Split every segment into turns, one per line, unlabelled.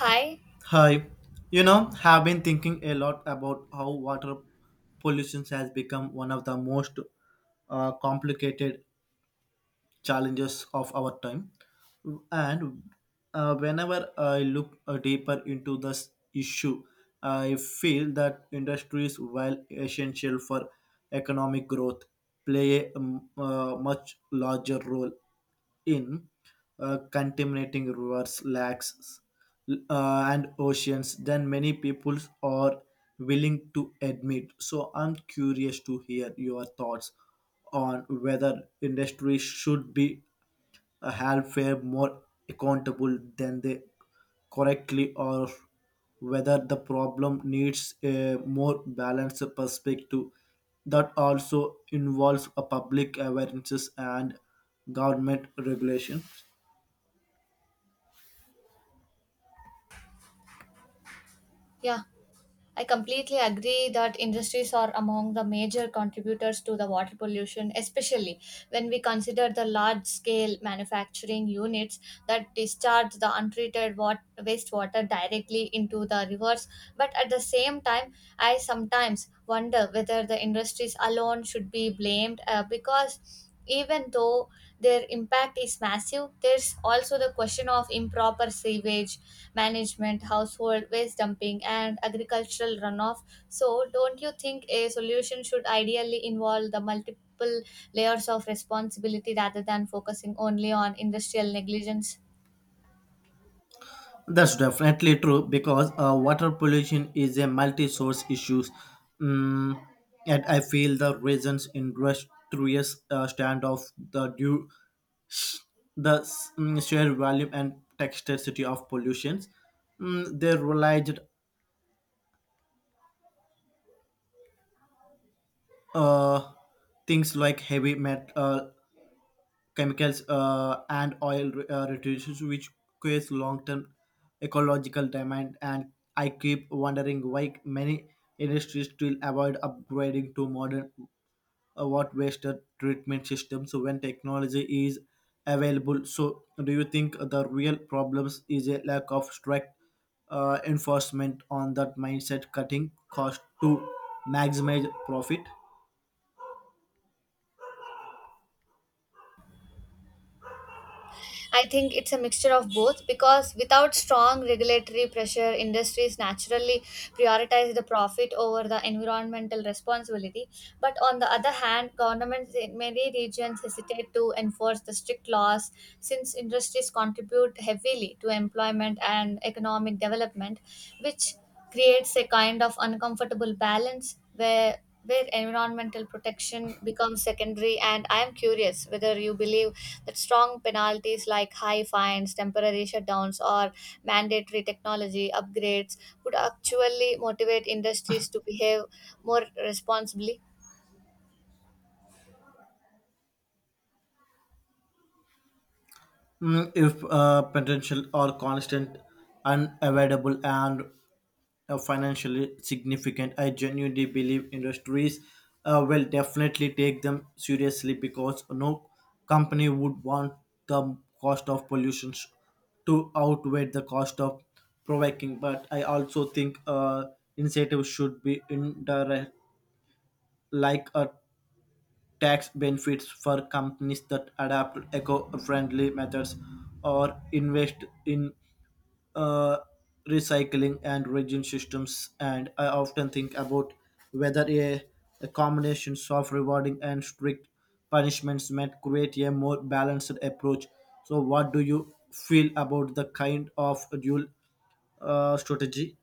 Hi.
Hi, have been thinking a lot about how water pollution has become one of the most complicated challenges of our time. And whenever I look deeper into this issue, I feel that industries, while essential for economic growth, play a much larger role in contaminating rivers, lakes, and oceans than many people are willing to admit. So I'm curious to hear your thoughts on whether industry should be help were more accountable than they correctly or whether the problem needs a more balanced perspective that also involves a public awareness and government regulation.
Yeah, I completely agree that industries are among the major contributors to the water pollution, especially when we consider the large scale manufacturing units that discharge the untreated wastewater directly into the rivers. But at the same time, I sometimes wonder whether the industries alone should be blamed because even though their impact is massive, there's also the question of improper sewage management, household waste dumping, and agricultural runoff. So don't you think a solution should ideally involve the multiple layers of responsibility rather than focusing only on industrial negligence?
That's definitely true because water pollution is a multi-source issue. Mm, and I feel the reasons industrious stand of the due sheer volume and texturity of pollutions. They realized uh, things like heavy metal chemicals and oil residues, which creates long-term ecological demand. And I keep wondering why many industries still avoid upgrading to modern what wasted treatment systems when technology is available. So, do you think the real problems is a lack of strict enforcement on that mindset, cutting cost to maximize profit?
I think it's a mixture of both, because without strong regulatory pressure, industries naturally prioritize the profit over the environmental responsibility. But on the other hand, governments in many regions hesitate to enforce the strict laws since industries contribute heavily to employment and economic development, which creates a kind of uncomfortable balance where environmental protection becomes secondary. And I am curious whether you believe that strong penalties like high fines, temporary shutdowns, or mandatory technology upgrades would actually motivate industries to behave more responsibly.
If potential or constant, unavoidable, and financially significant. I genuinely believe industries will definitely take them seriously because no company would want the cost of pollution to outweigh the cost of provoking. But I also think incentives should be indirect, like a tax benefits for companies that adapt eco-friendly methods or invest in uh, recycling and region systems. And I often think about whether a combination of rewarding and strict punishments might create a more balanced approach. So what do you feel about the kind of dual strategy?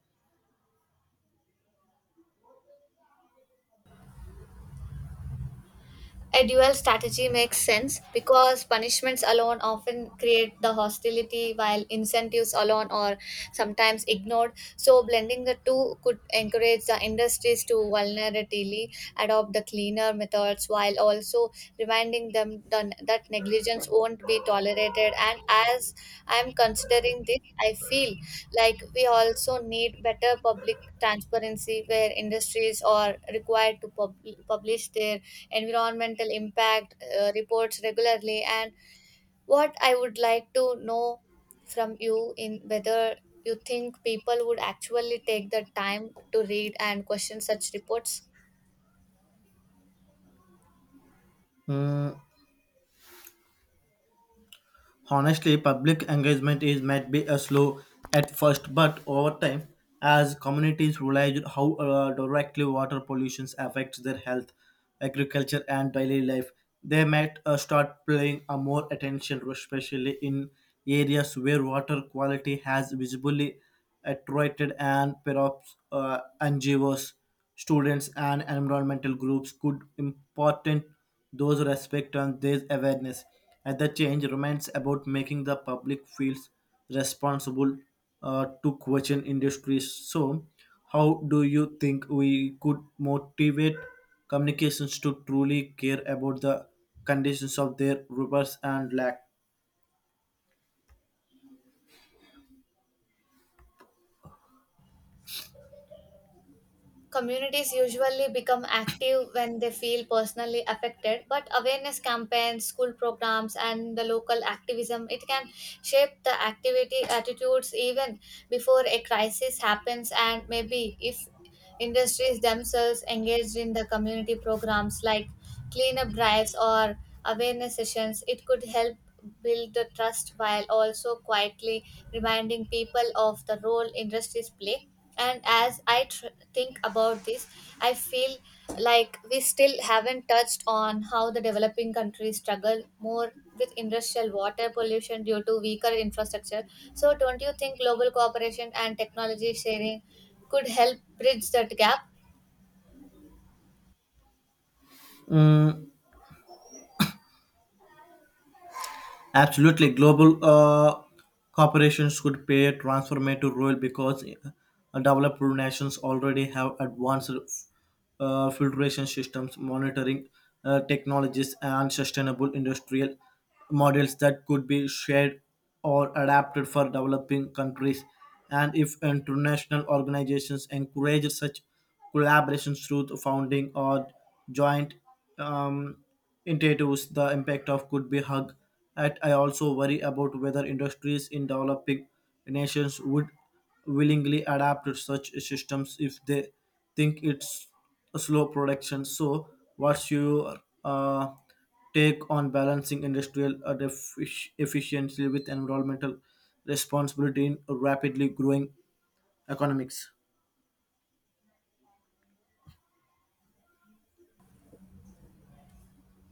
A dual strategy makes sense because punishments alone often create the hostility while incentives alone are sometimes ignored. So, blending the two could encourage the industries to voluntarily adopt the cleaner methods while also reminding that negligence won't be tolerated. And as I'm considering this, I feel like we also need better public transparency where industries are required to publish their environmental impact reports regularly. And what I would like to know from you in whether you think people would actually take the time to read and question such reports.
Hmm, Honestly, public engagement is might be a slow at first, but over time, as communities realize how directly water pollution affects their health, agriculture, and daily life, they might start paying a more attention, especially in areas where water quality has visibly attenuated and perhaps NGOs. Students and environmental groups could important those respect on this awareness. And the change remains about making the public feels responsible to question industries. So, how do you think we could motivate communications to truly care about the conditions of their rivers and lake?
Communities usually become active when they feel personally affected, but awareness campaigns, school programs, and the local activism, it can shape the activity attitudes even before a crisis happens. And maybe if industries themselves engaged in the community programs like cleanup drives or awareness sessions, it could help build the trust while also quietly reminding people of the role industries play. And as think about this, I feel like we still haven't touched on how the developing countries struggle more with industrial water pollution due to weaker infrastructure. So, don't you think global cooperation and technology sharing could help bridge that gap?
Mm, Absolutely, global corporations could play a transformative role because developed nations already have advanced filtration systems, monitoring technologies, and sustainable industrial models that could be shared or adapted for developing countries. And if international organizations encourage such collaborations through the founding or joint um, initiatives, the impact of could be hug. Yet I also worry about whether industries in developing nations would willingly adapt to such systems if they think it's a slow production. So, what's your uh, take on balancing industrial efficiency with environmental responsibility in rapidly growing economics?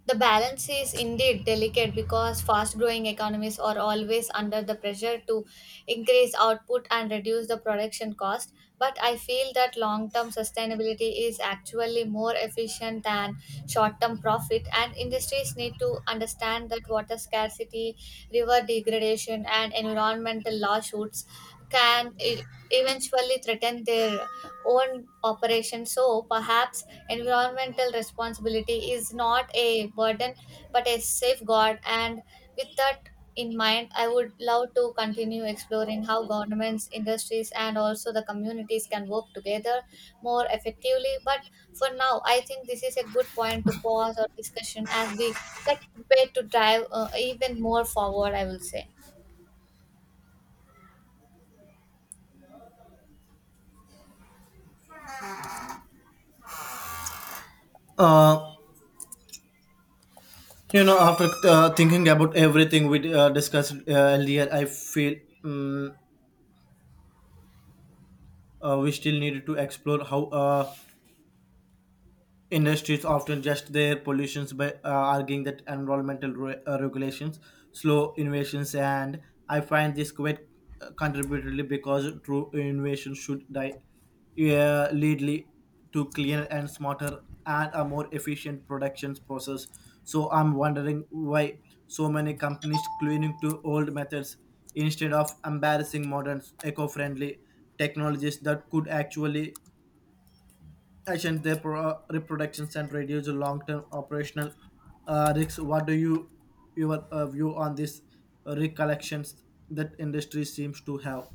The balance is indeed delicate because fast growing economies are always under the pressure to increase output and reduce the production cost. But I feel that long term sustainability is actually more efficient than short term profit, and industries need to understand that water scarcity, river degradation, and environmental lawsuits can eventually threaten their own operation. So perhaps environmental responsibility is not a burden but a safeguard, and with that in mind, I would love to continue exploring how governments, industries, and also the communities can work together more effectively. But for now, I think this is a good point to pause our discussion as we like prepare to drive even more forward. I will say
Uh, after thinking about everything we discussed earlier, I feel um, we still need to explore how industries often just their pollutions by arguing that environmental regulations slow innovations, and I find this quite contributory because true innovation should die, lead to cleaner and smarter and a more efficient production process. So I'm wondering why so many companies clinging to old methods instead of embarrassing modern eco-friendly technologies that could actually efficient their reproductions and reduce long-term operational risks. What do you your view on these recollections that industry seems to have?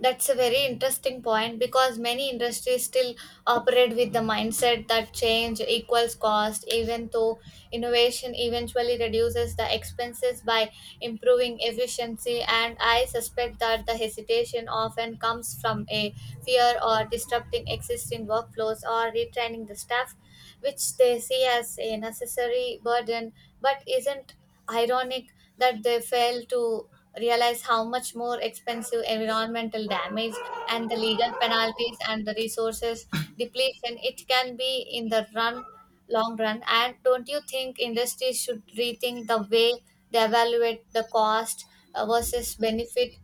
that's a very interesting point because many industries still operate with the mindset that change equals cost, even though innovation eventually reduces the expenses by improving efficiency. And I suspect that the hesitation often comes from a fear or disrupting existing workflows or retraining the staff, which they see as a necessary burden, but isn't ironic that they fail to realize how much more expensive environmental damage and the legal penalties and the resources depletion it can be in the run long run. And don't you think industries should rethink the way they evaluate the cost versus benefit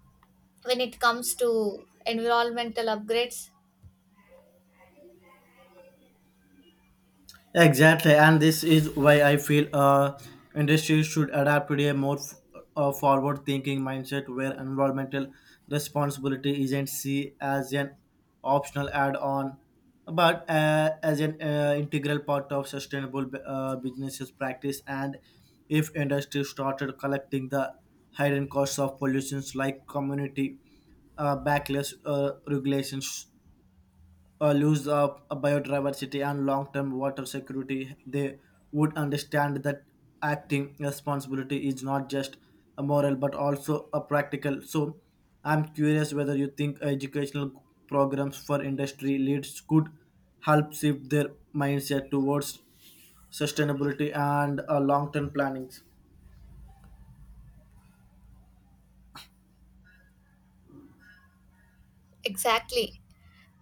when it comes to environmental upgrades?
Exactly, and this is why I feel industry should adapt to a more forward-thinking mindset where environmental responsibility isn't seen as an optional add-on, but as an integral part of sustainable businesses practice. And if industry started collecting the hidden costs of pollutions like community backless regulations lose of biodiversity and long-term water security, they would understand that acting responsibility is not just a moral but also a practical. So, I'm curious whether you think educational programs for industry leads could help shift their mindset towards sustainability and long-term plannings.
Exactly.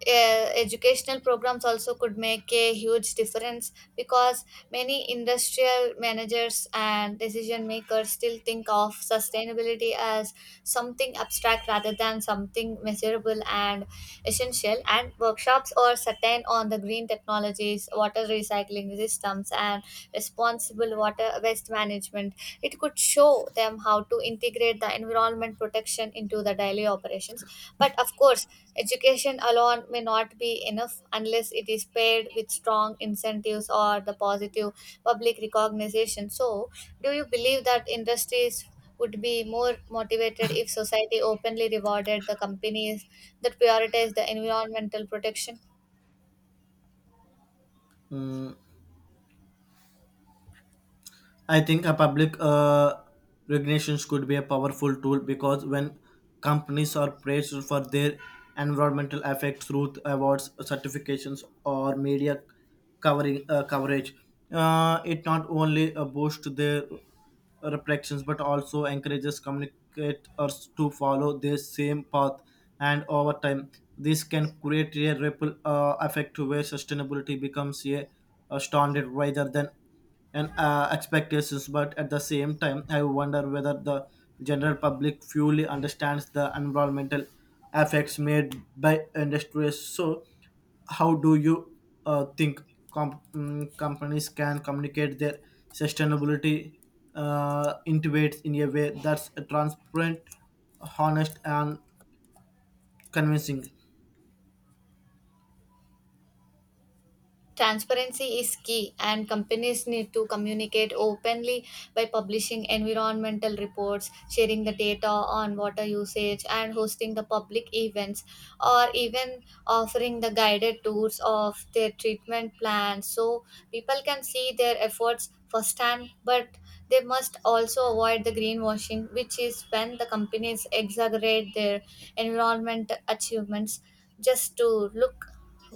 Educational programs also could make a huge difference because many industrial managers and decision makers still think of sustainability as something abstract rather than something measurable and essential. And workshops or certain on the green technologies, water recycling systems, and responsible water waste management, it could show them how to integrate the environment protection into the daily operations. But of course, education alone may not be enough unless it is paired with strong incentives or the positive public recognition. So, do you believe that industries would be more motivated if society openly rewarded the companies that prioritize the environmental protection?
Mm, I think a public regulations could be a powerful tool because when companies are praised for their environmental effects through awards, certifications, or media covering coverage, it not only boosts their reflections but also encourages communicators to follow the same path. And over time, this can create a ripple effect where sustainability becomes a standard rather than and expectations. But at the same time I wonder whether the general public fully understands the environmental effects made by industries. So how do you think companies can communicate their sustainability intuits in a way that's transparent, honest and convincing.
Transparency is key, and companies need to communicate openly by publishing environmental reports, sharing the data on water usage, and hosting the public events, or even offering the guided tours of their treatment plans so people can see their efforts firsthand. But they must also avoid the greenwashing, which is when the companies exaggerate their environment achievements just to look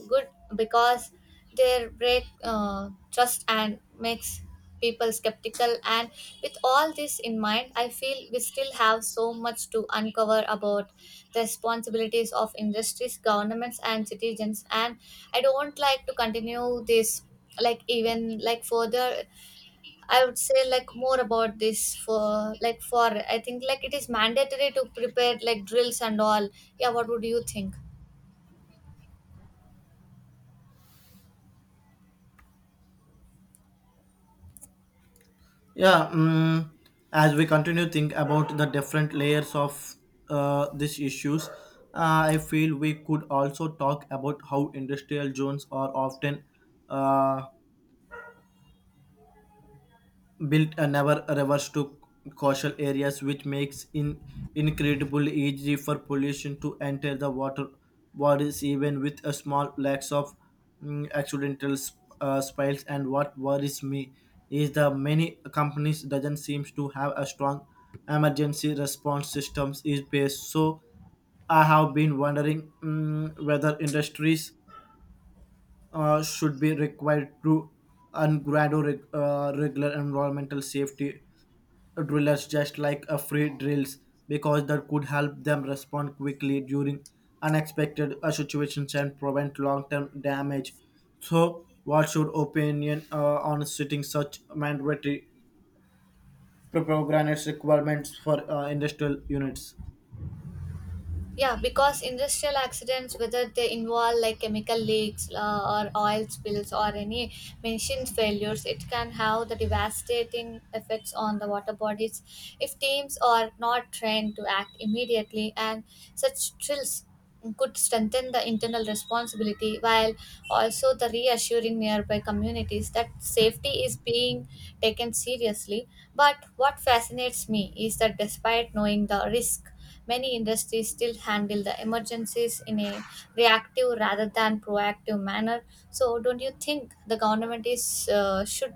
good, because their break trust and makes people skeptical. And with all this in mind, I feel we still have so much to uncover about the responsibilities of industries, governments, and citizens. And I don't like to continue this like even like further. I would say like more about this for like for I think like it is mandatory to prepare like drills and all. Yeah, what would you think?
Yeah, as we continue think about the different layers of these issues, I feel we could also talk about how industrial zones are often uh, built a never reverse to coastal areas, which makes in incredibly easy for pollution to enter the water bodies, even with a small lacks of accidental spills. And what worries me is the many companies doesn't seems to have a strong emergency response systems is based. So I have been wondering whether industries should be required to and gradual regular environmental safety drillers just like a free drills because that could help them respond quickly during unexpected situations and prevent long-term damage. So, what's your opinion on setting such mandatory programs requirements for industrial units?
Yeah, because industrial accidents, whether they involve like chemical leaks or oil spills or any machine failures, it can have the devastating effects on the water bodies if teams are not trained to act immediately. And such drills could strengthen the internal responsibility while also the reassuring nearby communities that safety is being taken seriously. But what fascinates me is that despite knowing the risk, many industries still handle the emergencies in a reactive rather than proactive manner. So, don't you think the government is should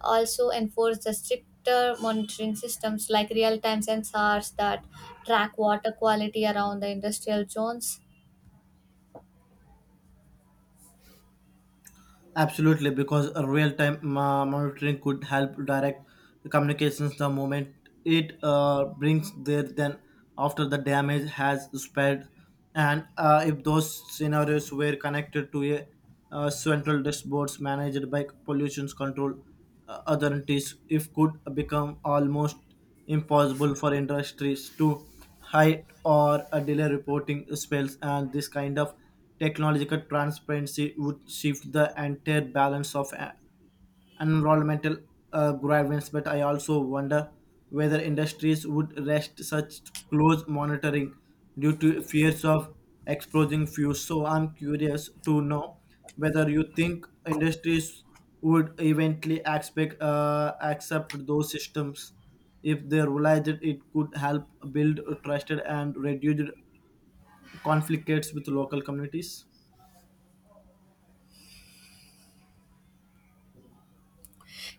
also enforce the stricter monitoring systems like real-time sensors that track water quality around the industrial zones?
Absolutely, because a real-time monitoring could help direct communications the moment it brings there then after the damage has spread. And if those scenarios were connected to a central dashboards managed by pollution control authorities, it could become almost impossible for industries to hide or delay reporting spells. And this kind of technological transparency would shift the entire balance of environmental grievance, but I also wonder whether industries would rest such close monitoring due to fears of exposing fuels. So I'm curious to know whether you think industries would eventually accept those systems if they realized that it could help build trusted and reduce conflicts with local communities.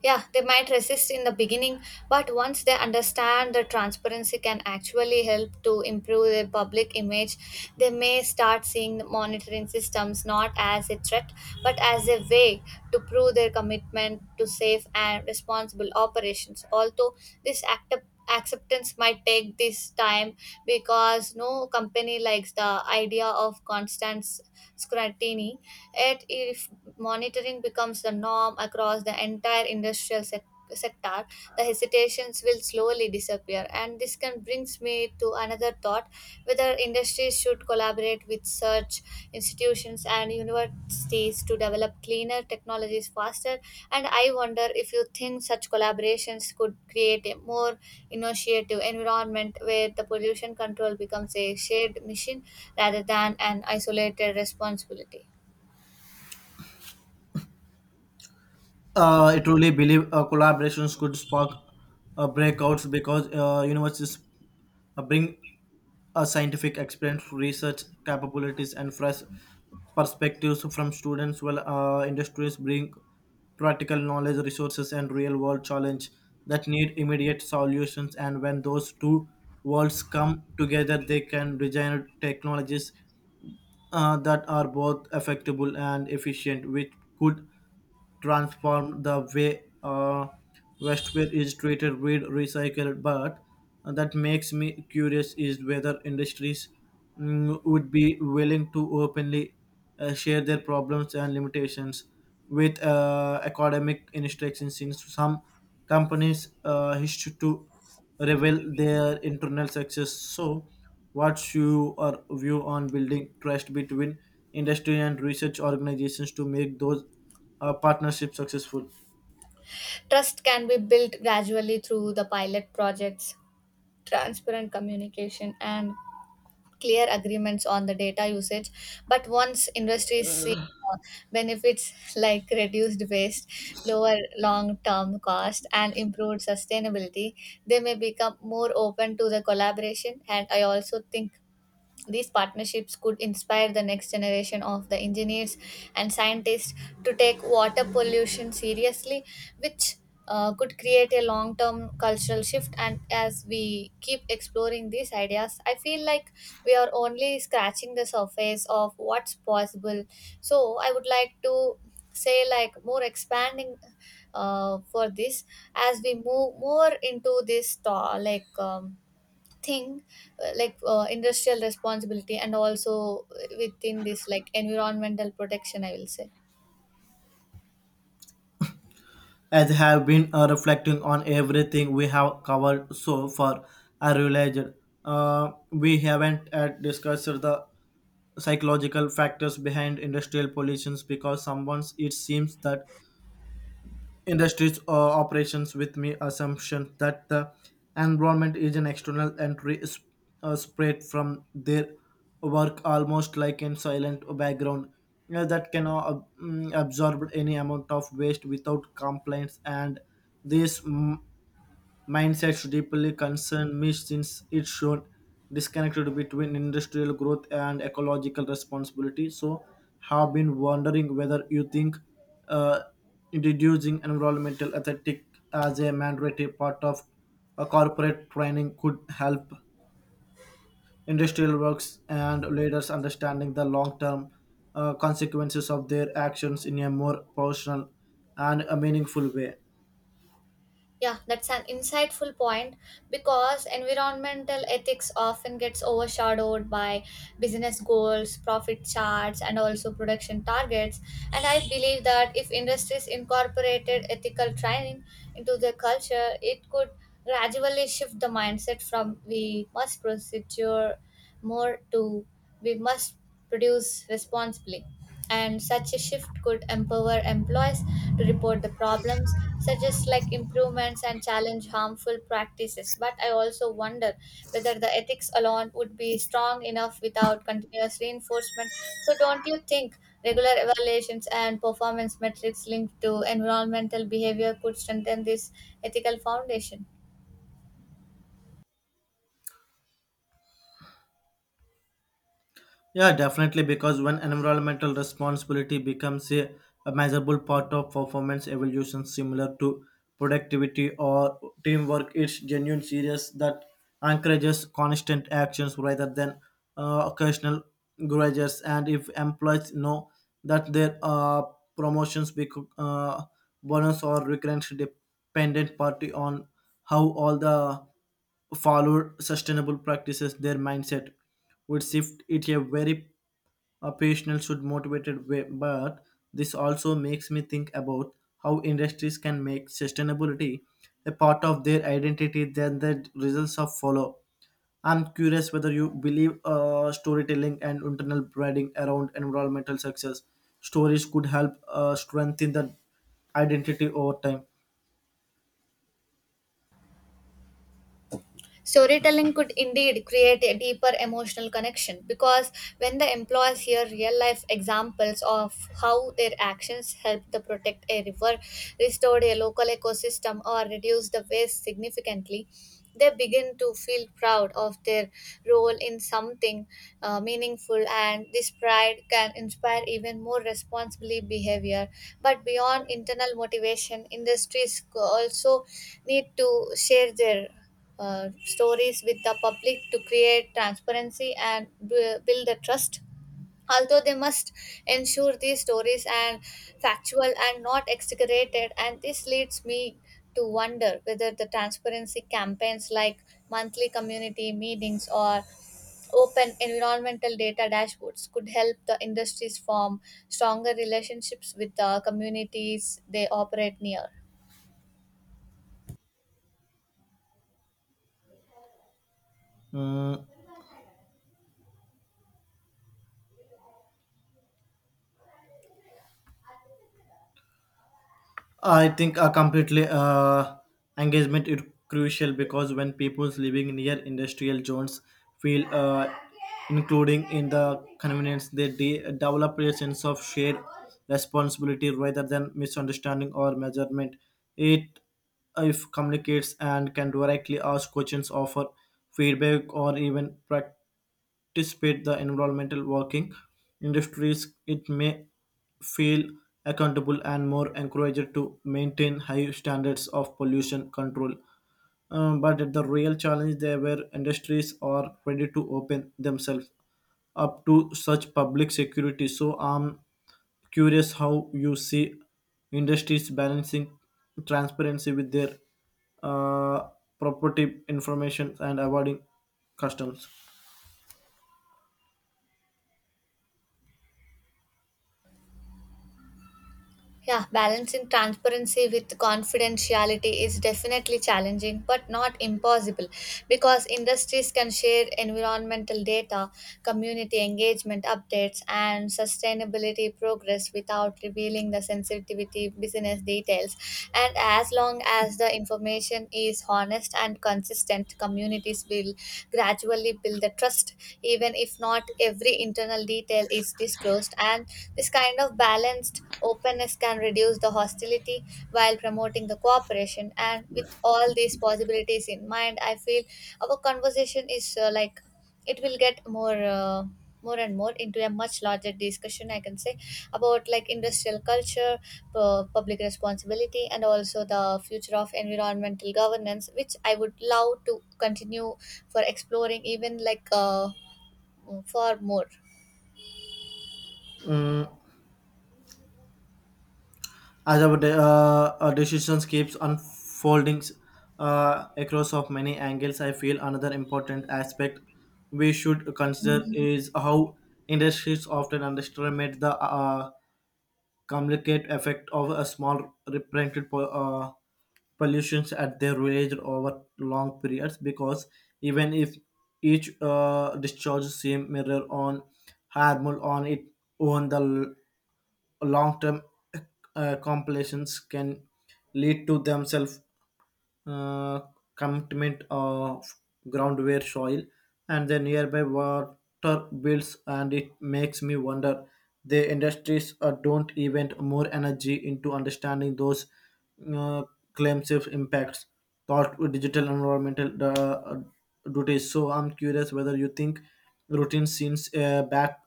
Yeah, they might resist in the beginning, but once they understand the transparency can actually help to improve their public image, they may start seeing the monitoring systems not as a threat but as a way to prove their commitment to safe and responsible operations. Although this act acceptance might take this time because no company likes the idea of constant scrutiny. Yet, if monitoring becomes the norm across the entire industrial sector, the hesitations will slowly disappear. And this can brings me to another thought: whether industries should collaborate with such institutions and universities to develop cleaner technologies faster. And I wonder if you think such collaborations could create a more innovative environment where the pollution control becomes a shared mission rather than an isolated responsibility.
I truly believe collaborations could spark breakouts because universities bring a scientific experience, research capabilities, and fresh perspectives from students, while industries bring practical knowledge, resources, and real world challenge that need immediate solutions. And when those two worlds come together, they can design technologies that are both effective and efficient, which could transformed the way wastewater is treated with recycled. But that makes me curious is whether industries would be willing to openly share their problems and limitations with academic institutions since some companies wish to reveal their internal success. So what's your view on building trust between industry and research organizations to make those partnership successful?
Trust can be built gradually through the pilot projects, transparent communication, and clear agreements on the data usage. But once industries see uh, benefits like reduced waste, lower long term cost, and improved sustainability, they may become more open to the collaboration. And I also think these partnerships could inspire the next generation of the engineers and scientists to take water pollution seriously, which could create a long term cultural shift. And as we keep exploring these ideas, I feel like we are only scratching the surface of what's possible. So, I would like to say, like, more expanding for this as we move more into this, thing industrial responsibility and also within this like environmental protection, I will say.
As have been reflecting on everything we have covered so far, I realized we haven't discussed the psychological factors behind industrial pollutions because someone it seems that industries operations with me assumption that the environment is an external entry spread from their work almost like in silent background you that can absorb any amount of waste without complaints. And this mindset should deeply concern me since it should disconnected between industrial growth and ecological responsibility. So, have been wondering whether you think uh, introducing environmental ethics as a mandatory part of a corporate training could help industrial works and leaders understanding the long-term consequences of their actions in a more personal and a meaningful way.
Yeah, that's an insightful point because environmental ethics often gets overshadowed by business goals, profit charts, and also production targets. And I believe that if industries incorporated ethical training into their culture, it could gradually shift the mindset from we must procedure more to we must produce responsibly. And such a shift could empower employees to report the problems, suggest like improvements, and challenge harmful practices. But I also wonder whether the ethics alone would be strong enough without continuous reinforcement. So don't you think regular evaluations and performance metrics linked to environmental behavior could strengthen this ethical foundation?
Yeah, definitely, because when environmental responsibility becomes a measurable part of performance evolution, similar to productivity or teamwork, it's genuine serious that encourages constant actions rather than occasional grudges. And if employees know that their promotions, bonus, or recurrent dependent party on how all the followed sustainable practices, their mindset would shift it a very operational should motivated way. But this also makes me think about how industries can make sustainability a part of their identity than the results of follow. I'm curious whether you believe storytelling and internal branding around environmental success stories could help strengthen the identity over time.
Storytelling could indeed create a deeper emotional connection because when the employees hear real life examples of how their actions helped to protect a river, restored a local ecosystem, or reduced the waste significantly, they begin to feel proud of their role in something meaningful, and this pride can inspire even more responsible behavior. But beyond internal motivation, industries also need to share their stories with the public to create transparency and build the trust. Although they must ensure these stories are factual and not exaggerated, and this leads me to wonder whether the transparency campaigns like monthly community meetings or open environmental data dashboards could help the industries form stronger relationships with the communities they operate near.
Mm, I think a completely engagement is crucial because when people living near industrial zones feel including in the convenience, they develop a sense of shared responsibility rather than misunderstanding or measurement. It if communicates and can directly ask questions, offer feedback, or even practice participate the environmental working industries it may feel accountable and more encouraged to maintain high standards of pollution control. But the real challenge there where industries are ready to open themselves up to such public security. So I'm curious how you see industries balancing transparency with their uh, property information and avoiding customs.
Yeah, balancing transparency with confidentiality is definitely challenging but not impossible because industries can share environmental data, community engagement updates, and sustainability progress without revealing the sensitivity business details. And as long as the information is honest and consistent, communities will gradually build the trust, even if not every internal detail is disclosed. And this kind of balanced openness can reduce the hostility while promoting the cooperation. And with all these possibilities in mind, I feel our conversation is like it will get more. More and more into a much larger discussion, I can say, about like industrial culture, public responsibility, and also the future of environmental governance, which I would love to continue for exploring even like far more.
As our our decisions keeps unfolding across of many angles, I feel another important aspect we should consider is how industries often underestimate the complicated effect of a small reprinted pollutions at their village over long periods because even if each discharge seem mirror on harmful on its own, the long term compilations can lead to themselves uh, commitment of groundware soil and the nearby water builds. And it makes me wonder the industries don't invent more energy into understanding those uh, claims of impacts thought with digital environmental duties. So I'm curious whether you think routine seems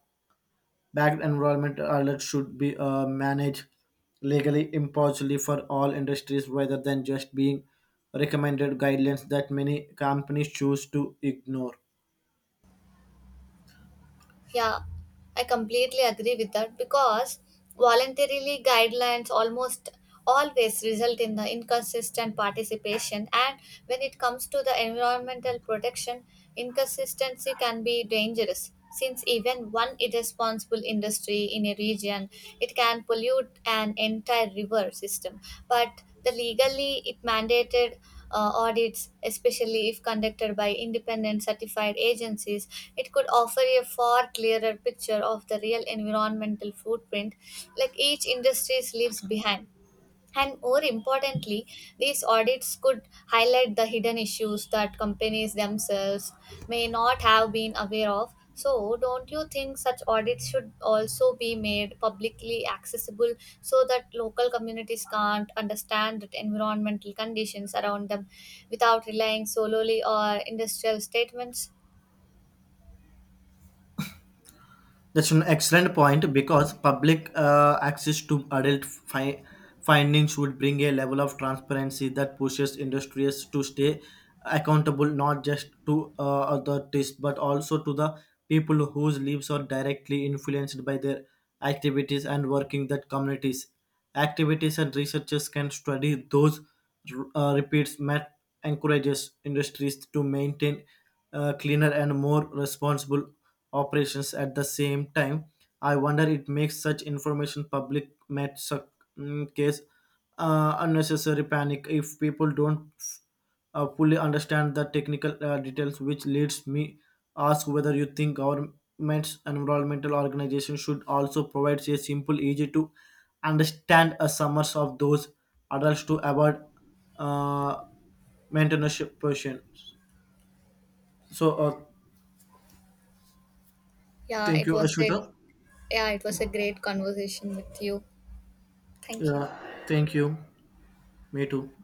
backed enrollment alerts should be managed legally impartially for all industries rather than just being recommended guidelines that many companies choose to ignore.
Yeah, I completely agree with that because voluntarily guidelines almost always result in the inconsistent participation, and when it comes to the environmental protection, inconsistency can be dangerous since even one irresponsible industry in a region, it can pollute an entire river system. But the legally it mandated audits, especially if conducted by independent certified agencies, it could offer a far clearer picture of the real environmental footprint like each industry leaves behind. And more importantly, these audits could highlight the hidden issues that companies themselves may not have been aware of. So, don't you think such audits should also be made publicly accessible so that local communities can't understand the environmental conditions around them without relying solely on industrial statements?
That's an excellent point because public access to findings would bring a level of transparency that pushes industries to stay accountable not just to authorities but also to the people whose lives are directly influenced by their activities and working that communities. Activities and researchers can study those repeats. Matt encourages industries to maintain cleaner and more responsible operations at the same time. I wonder it makes such information public Matt case unnecessary panic if people don't fully understand the technical details, which leads me ask whether you think governments and environmental organizations should also provide a simple, easy to understand a summers of those adults to avoid uh, maintenance portion. So uh,
Yeah,
thank
it
you,
was a
Ashwita.
yeah, it was a great conversation with you. Thank you.
Yeah, thank you. Me too.